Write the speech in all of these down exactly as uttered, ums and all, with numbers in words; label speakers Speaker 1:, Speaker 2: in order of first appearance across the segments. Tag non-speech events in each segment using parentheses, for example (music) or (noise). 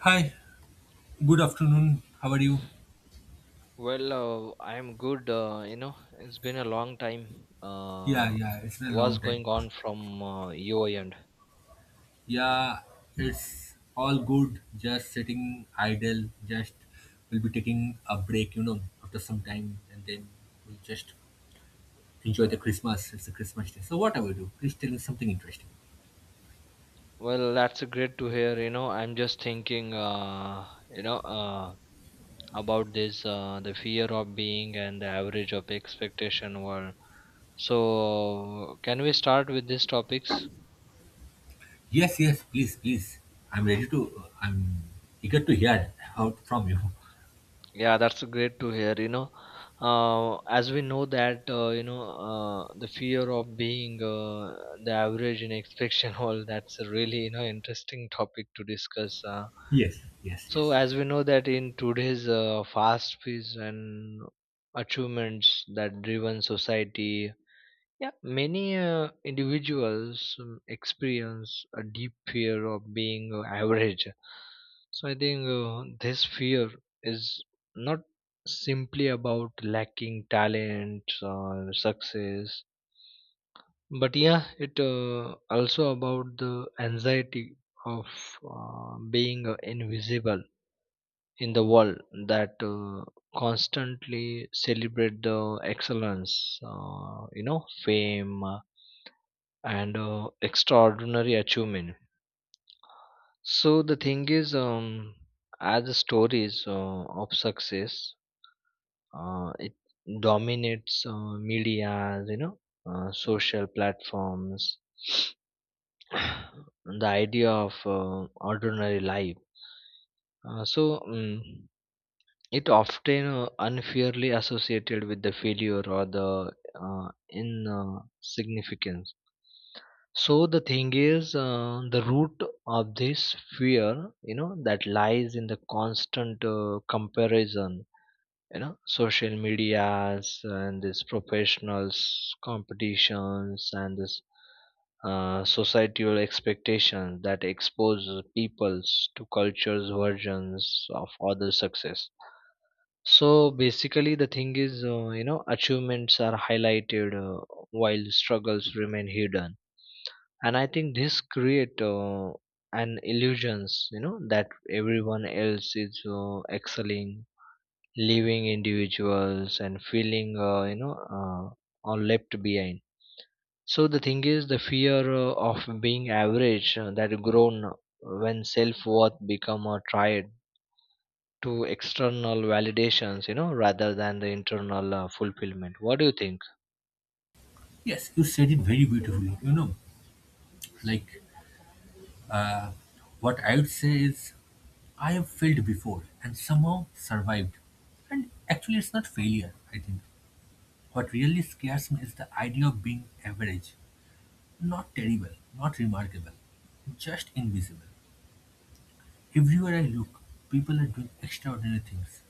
Speaker 1: Hi, good afternoon. How are you?
Speaker 2: Well, uh, I'm good. Uh, you know, it's been a long time.
Speaker 1: Yeah,
Speaker 2: Uh,
Speaker 1: yeah, it's been a
Speaker 2: what's
Speaker 1: long time.
Speaker 2: going on from uh, your end?
Speaker 1: Yeah, it's all good. Just sitting idle. Just we'll be taking a break, you know, after some time, and then we'll just enjoy the Christmas. It's a Christmas day. So what I will do? Please tell me something interesting.
Speaker 2: Well, that's great to hear. You know, I'm just thinking, uh, you know, uh, about this uh, the fear of being and the average of expectation world. So, can we start with these topics?
Speaker 1: Yes, yes, please, please. I'm ready to. I'm eager to hear out from you.
Speaker 2: Yeah, that's great to hear. You know, uh, as we know that uh, you know uh, the fear of being uh, the average in expectation (laughs) hall. That's a really you know interesting topic to discuss. Uh,
Speaker 1: Yes, yes,
Speaker 2: so
Speaker 1: yes.
Speaker 2: as we know that in today's uh, fast pace and achievements that driven society, yeah, many uh, individuals um, experience a deep fear of being uh, average. So I think uh, this fear is not simply about lacking talent or success, but yeah, it uh, also about the anxiety of uh, being uh, invisible in the world that uh, constantly celebrate the excellence, uh, you know, fame, uh, and uh, extraordinary achievement. So the thing is, um, as the stories uh, of success, uh, it dominates uh, media, you know, uh, social platforms. (sniffs) The idea of uh, ordinary life. Uh, so um, it often uh, unfairly associated with the failure or the uh, insignificance. So the thing is, uh, the root of this fear, you know, that lies in the constant uh, comparison, you know, social medias and this professionals competitions and this uh, societal expectations that expose peoples to cultures versions of other success. So basically, the thing is, uh, you know, achievements are highlighted, uh, while struggles remain hidden, and I think this create uh, an illusions, you know, that everyone else is uh, excelling, leaving individuals and feeling, uh, you know, uh, are left behind. So the thing is, the fear uh, of being average uh, that grown when self worth become uh, tried to external validations, you know, rather than the internal uh, fulfillment. What do you think?
Speaker 1: Yes, you said it very beautifully. You know, like what I'd say is, I have failed before and somehow survived. And actually, it's not failure, I think. What really scares me is the idea of being average. Not terrible, not remarkable, just invisible. Everywhere I look, people are doing extraordinary things.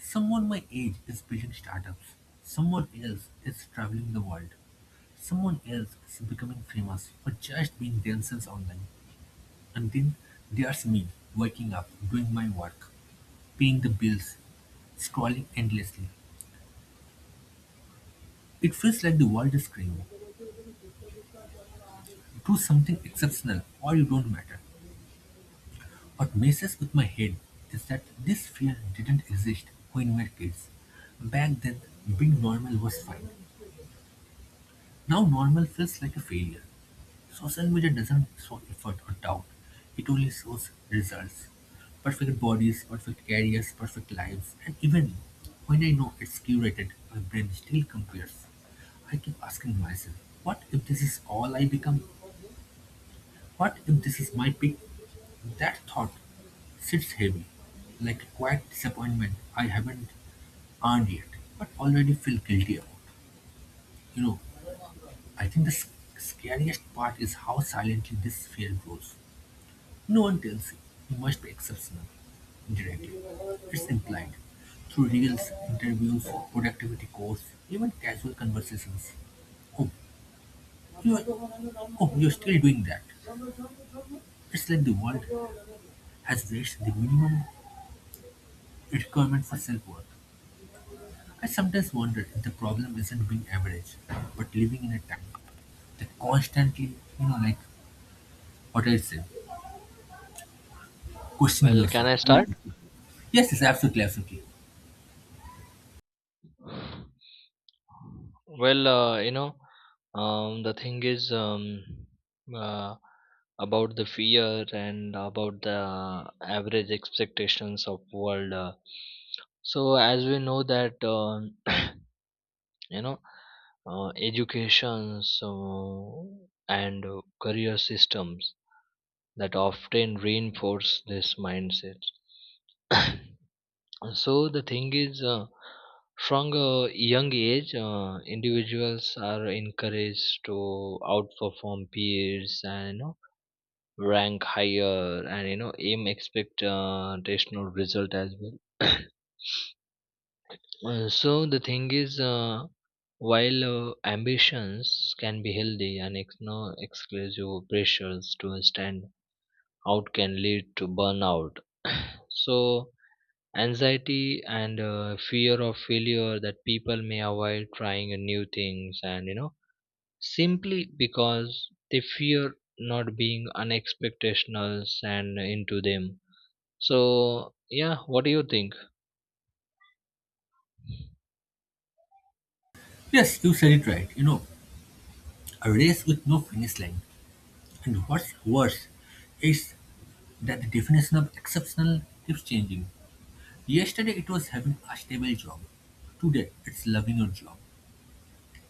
Speaker 1: Someone my age is building startups, someone else is traveling the world, someone else is becoming famous for just being themselves online. And then there's me, waking up, doing my work, paying the bills, scrolling endlessly. It feels like the world is screaming, do something exceptional or you don't matter. What messes with my head is that this fear didn't exist when we were kids. Back then, being normal was fine. Now normal feels like a failure. Social media doesn't show effort or doubt, it only shows results. Perfect bodies, perfect careers, perfect lives, and even when I know it's curated, my brain still compares. I keep asking myself, what if this is all I become? What if this is my peak? That thought sits heavy, like a quiet disappointment I haven't earned yet, but already feel guilty about. You know, I think the sc- scariest part is how silently this fear grows. No one tells you, you must be exceptional, indirectly. It's implied through reels, interviews, productivity course, even casual conversations. Oh, you're, oh, you're still doing that. It's like the world has reached the minimum requirement for self worth. I sometimes wonder if the problem isn't being average, but living in a time that constantly, you know, like what I said, questioning
Speaker 2: Well, can
Speaker 1: yourself.
Speaker 2: I start?
Speaker 1: Yes, yes, absolutely, absolutely.
Speaker 2: Well, uh, you know, um, the thing is um, uh, about the fear and about the average expectations of world. Uh, so as we know that um you know, uh, education so, and uh, career systems that often reinforce this mindset. So the thing is uh, from a young age uh, individuals are encouraged to outperform peers and, you know, rank higher and, you know, aim expect uh, additional result as well. (coughs) Uh, so the thing is, uh, while uh, ambitions can be healthy and ex- no exclusive pressures to stand out can lead to burnout. (coughs) So anxiety and uh, fear of failure that people may avoid trying uh, new things, and you know, simply because they fear not being unexpectationals and into them. So yeah, what do you think?
Speaker 1: Yes, you said it right. You know, a race with no finish line. And what's worse is that the definition of exceptional keeps changing. Yesterday it was having a stable job. Today it's loving your job.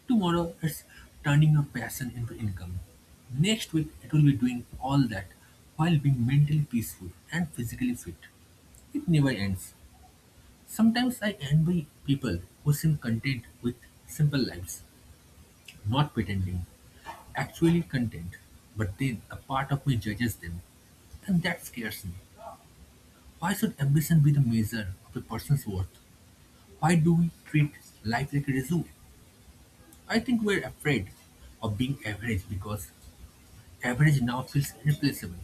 Speaker 1: Tomorrow it's turning your passion into income. Next week it will be doing all that while being mentally peaceful and physically fit. It never ends. Sometimes I envy people who seem content with simple lives. Not pretending. Actually content. But then a part of me judges them. And that scares me. Why should ambition be the measure of a person's worth? Why do we treat life like a zoo? I think we're afraid of being average because average now feels replaceable.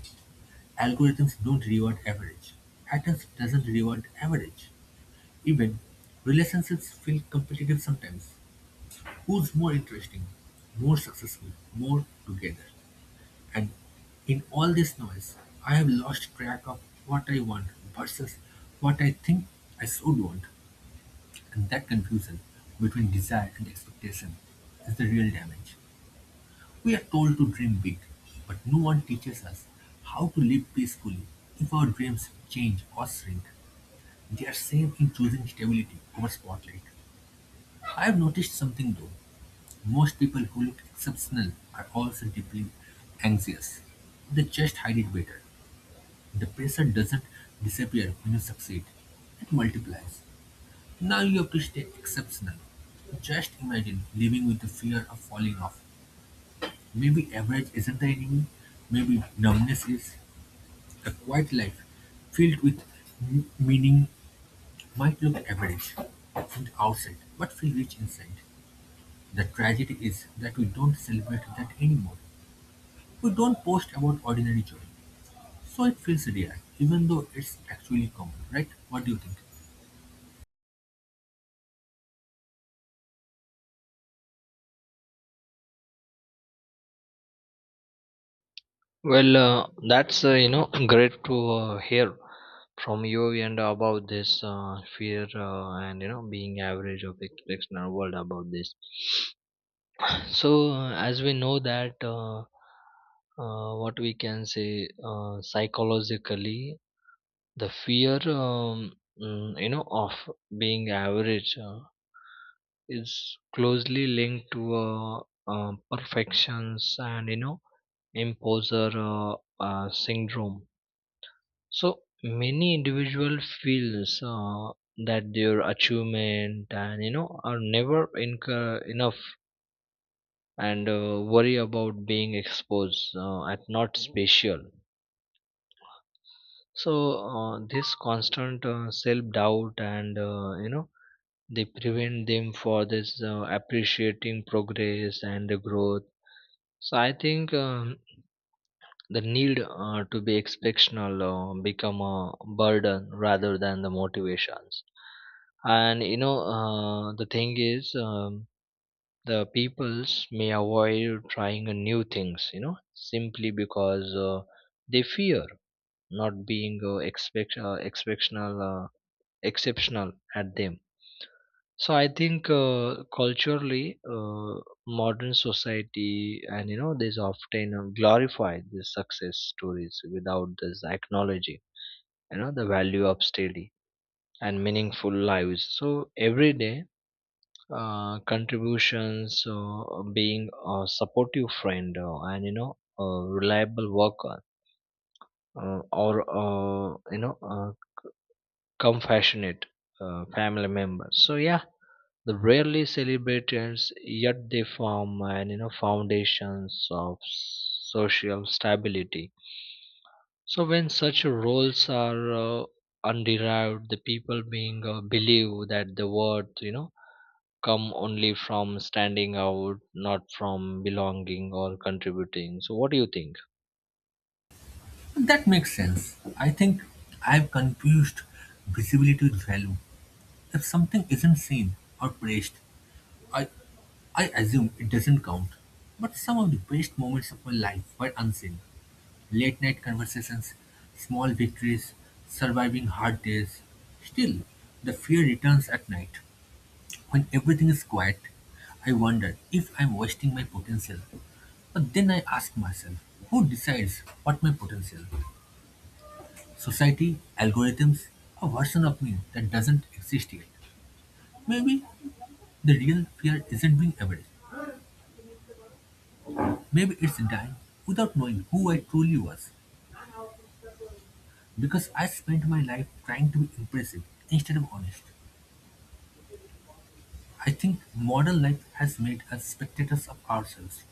Speaker 1: Algorithms don't reward average. Atoms doesn't reward average. Even relationships feel competitive sometimes. Who's more interesting, more successful, more together? And in all this noise, I have lost track of what I want versus what I think I should want. And that confusion between desire and expectation is the real damage. We are told to dream big, but no one teaches us how to live peacefully if our dreams change or shrink. They are same in choosing stability over spotlight. I have noticed something though. Most people who look exceptional are also deeply anxious. They just hide it better. The pressure doesn't disappear when you succeed. It multiplies. Now you have to stay exceptional. Just imagine living with the fear of falling off. Maybe average isn't the enemy. Maybe numbness is. A quiet life filled with m- meaning might look average from the outside, but feel rich inside. The tragedy is that we don't celebrate that anymore. We don't post about ordinary joy. So it feels rare, even though it's actually common, right? What do you think?
Speaker 2: Well, uh, that's uh, you know (laughs) (clears throat) great to uh, hear from you, and about this uh, fear, uh, and you know being average of expectation world about this. So, uh, as we know that uh, uh, what we can say, uh, psychologically, the fear um, mm, you know, of being average uh, is closely linked to uh, uh, perfections and, you know, imposter uh, uh, syndrome. So many individual feels uh, that their achievement, and you know, are never incur enough, and uh, worry about being exposed uh, at not special. So uh, this constant uh, self doubt, and uh, you know they prevent them for this uh, appreciating progress and the growth. So I think, um, the need uh, to be exceptional uh, become a burden rather than the motivations. And you know, uh, the thing is um, the peoples may avoid trying uh, new things, you know, simply because uh, they fear not being uh, expect uh, exceptional uh, exceptional at them. So I think uh, culturally, uh, modern society, and you know, this often uh, glorify these success stories without this acknowledging, you know, the value of steady and meaningful lives. So every day uh, contributions, uh, being a supportive friend, uh, and you know, a reliable worker, uh, or uh, you know, uh, compassionate uh, family member. So yeah, the rarely celebrated, yet they form, and you know, foundations of social stability. So when such roles are uh, underived, the people being uh, believe that the worth, you know, come only from standing out, not from belonging or contributing. So, what do you think?
Speaker 1: That makes sense. I think I've confused visibility with value. If something isn't seen or praised, I I assume it doesn't count. But some of the best moments of my life were unseen. Late night conversations, small victories, surviving hard days. Still, the fear returns at night. When everything is quiet, I wonder if I'm wasting my potential. But then I ask myself, who decides what my potential? Society, algorithms, a version of me that doesn't exist yet. Maybe the real fear isn't being average. Maybe it's dying without knowing who I truly was. Because I spent my life trying to be impressive instead of honest. I think modern life has made us spectators of ourselves.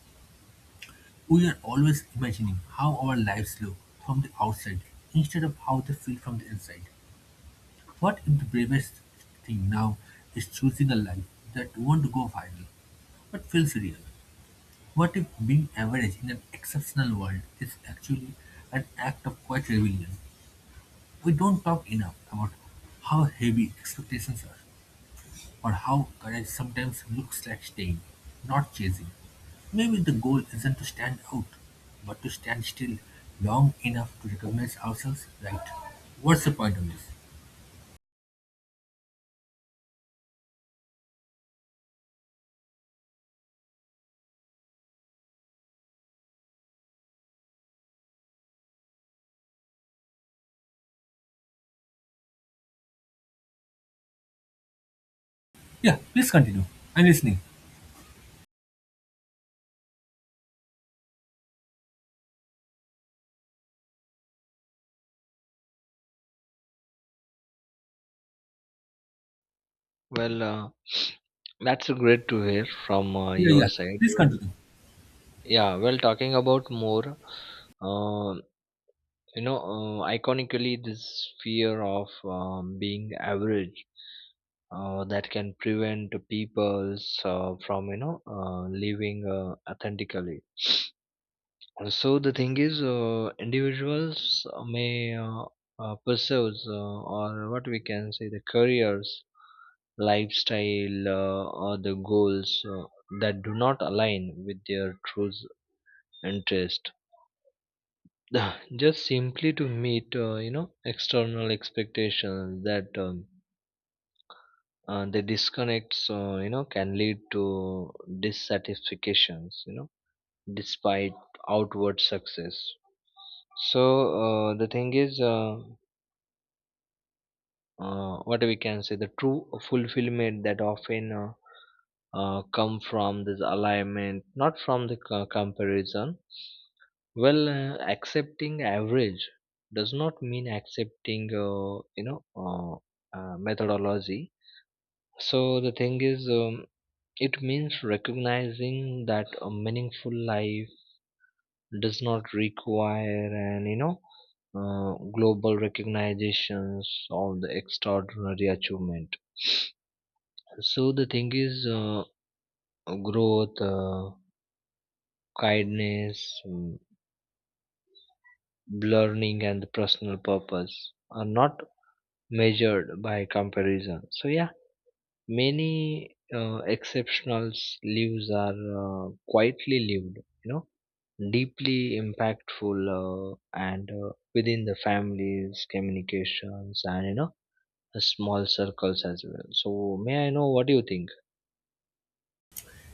Speaker 1: We are always imagining how our lives look from the outside instead of how they feel from the inside. What if the bravest thing now is choosing a life that won't go viral but feels real? What if being average in an exceptional world is actually an act of quiet rebellion? We don't talk enough about how heavy expectations are, or how courage sometimes looks like staying, not chasing. Maybe the goal isn't to stand out, but to stand still long enough to recognize ourselves right. What's the point of this? Yeah, please continue. I'm listening.
Speaker 2: Well, uh, that's great to hear from uh,
Speaker 1: Yeah,
Speaker 2: your
Speaker 1: yeah,
Speaker 2: side.
Speaker 1: please
Speaker 2: Well,
Speaker 1: continue.
Speaker 2: yeah, well, talking about more, uh, you know, uh, iconically, this fear of um, being average uh, that can prevent peoples uh, from, you know, uh, living uh, authentically. So the thing is, uh, individuals may uh, uh, pursue, uh, or what we can say, the careers, lifestyle, uh, or the goals uh, that do not align with their true interest. (laughs) (sighs) Just simply to meet, uh, you know, external expectations that, um, uh, the disconnects, uh, you know, can lead to dissatisfactions, you know, despite outward success. So uh, the thing is, uh, uh, what we can say, the true fulfillment that often uh, uh, come from this alignment, not from the co- comparison. Well, uh, accepting average does not mean accepting, uh, you know, uh, uh, methodology. So the thing is, um, it means recognizing that a meaningful life does not require an, you know, uh, global recognitions of the extraordinary achievement. So the thing is uh, growth, uh, kindness, mm, learning, and the personal purpose are not measured by comparison. So yeah, many uh, exceptional lives are uh, quietly lived, you know, deeply impactful, uh, and uh, within the families communications, and you know, uh, small circles as well. So may I know, what do you think?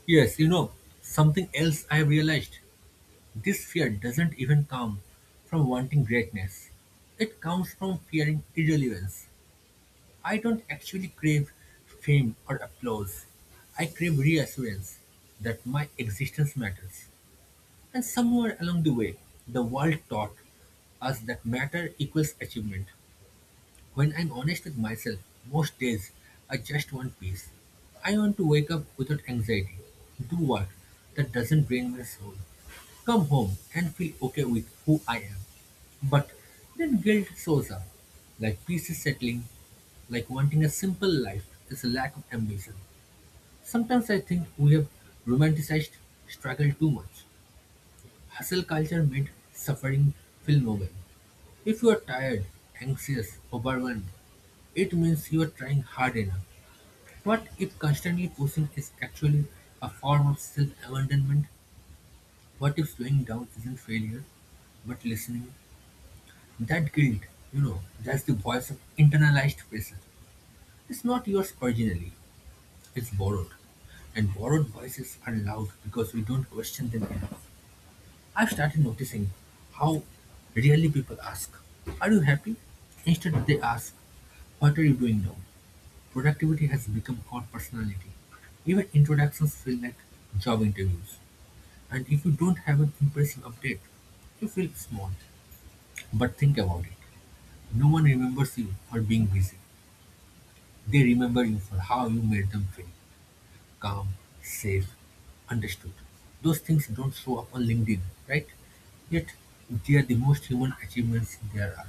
Speaker 1: Yes, you know, something else I have realized. This fear doesn't even come from wanting greatness. It comes from fearing irrelevance. I don't actually crave fame or applause. I crave reassurance that my existence matters. And somewhere along the way, the world taught us that matter equals achievement. When I'm honest with myself, most days I just want peace. I want to wake up without anxiety, do work that doesn't drain my soul, come home and feel okay with who I am. But then guilt shows up, like peace is settling, like wanting a simple life is a lack of ambition. Sometimes I think we have romanticized struggle too much. Hustle culture made suffering feel noble. If you are tired, anxious, overwhelmed, it means you're trying hard enough. What if constantly pushing is actually a form of self abandonment? What if slowing down isn't failure, but listening? That guilt, you know, that's the voice of internalized pressure. It's not yours originally, it's borrowed. And borrowed voices are loud because we don't question them enough. I've started noticing how rarely people ask, are you happy? Instead, they ask, what are you doing now? Productivity has become our personality. Even introductions feel like job interviews. And if you don't have an impressive update, you feel small. But think about it. No one remembers you for being busy. They remember you for how you made them feel calm, safe, understood. Those things don't show up on LinkedIn, right? Yet, they are the most human achievements there are.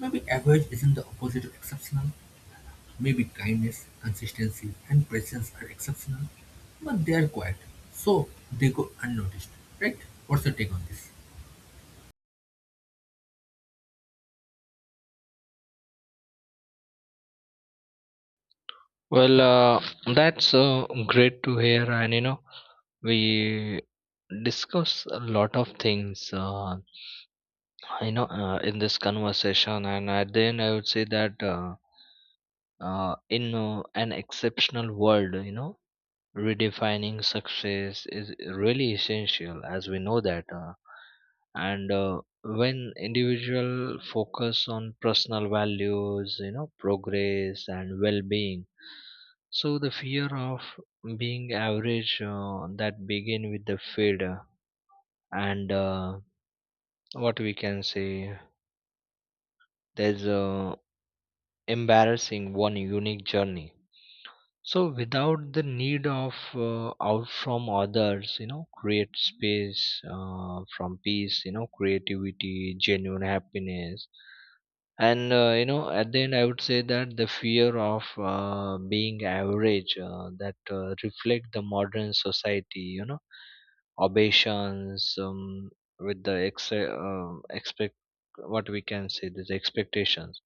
Speaker 1: Maybe average isn't the opposite of exceptional. Maybe kindness, consistency, and presence are exceptional, but they are quiet, so they go unnoticed, right? What's your take on this?
Speaker 2: Well, uh, that's uh, great to hear, and you know, we discuss a lot of things uh, you know uh, in this conversation, and at the end I would say that, uh, uh, in uh, an exceptional world, you know, redefining success is really essential. As we know that, uh, and uh, when individual focus on personal values, you know, progress and well-being. So the fear of being average uh, that begin with the fear, and uh, what we can say, there's uh, embarrassing one unique journey. So without the need of uh, out from others, you know, create space uh, from peace, you know, creativity, genuine happiness. And uh, you know at the end I would say that the fear of uh, being average, uh, that uh, reflect the modern society, you know, obeisance, um, with the ex- uh, expect what we can say this expectations,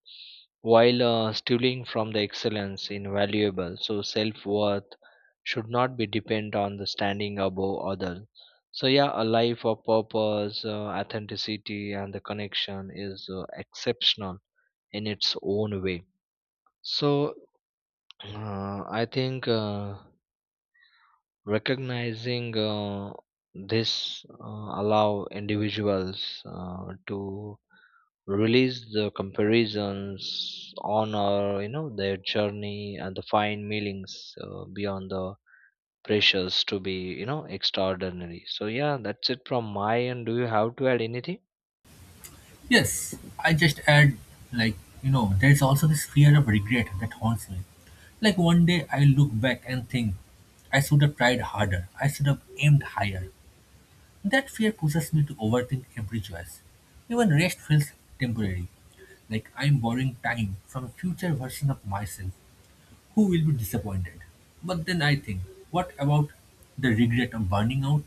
Speaker 2: while uh, stealing from the excellence in valuable. So self-worth should not be depend on the standing above others. So yeah, a life of purpose, uh, authenticity and the connection is uh, exceptional in its own way. So uh, I think, uh, recognizing, uh, this uh, allow individuals uh, to release the comparisons on, or you know, their journey and the fine meanings uh, beyond the pressures to be, you know, extraordinary. So yeah, that's it from my end. Do you have to add anything?
Speaker 1: Yes, I just add, like, you know, there is also this fear of regret that haunts me. Like, one day I look back and think, I should have tried harder, I should have aimed higher. That fear pushes me to overthink every choice. Even rest feels temporary, like I'm borrowing time from a future version of myself who will be disappointed. But then I think, what about the regret of burning out,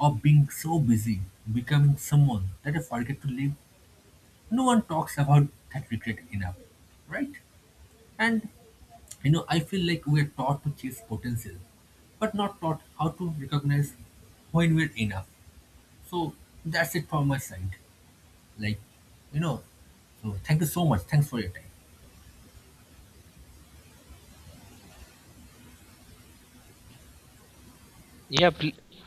Speaker 1: of being so busy, becoming someone that I forget to live? No one talks about that regret enough, right? And you know, I feel like we are taught to chase potential, but not taught how to recognize when we're enough. So that's it from my side. Like, you know, so thank you so much. Thanks for your time.
Speaker 2: Yeah, please.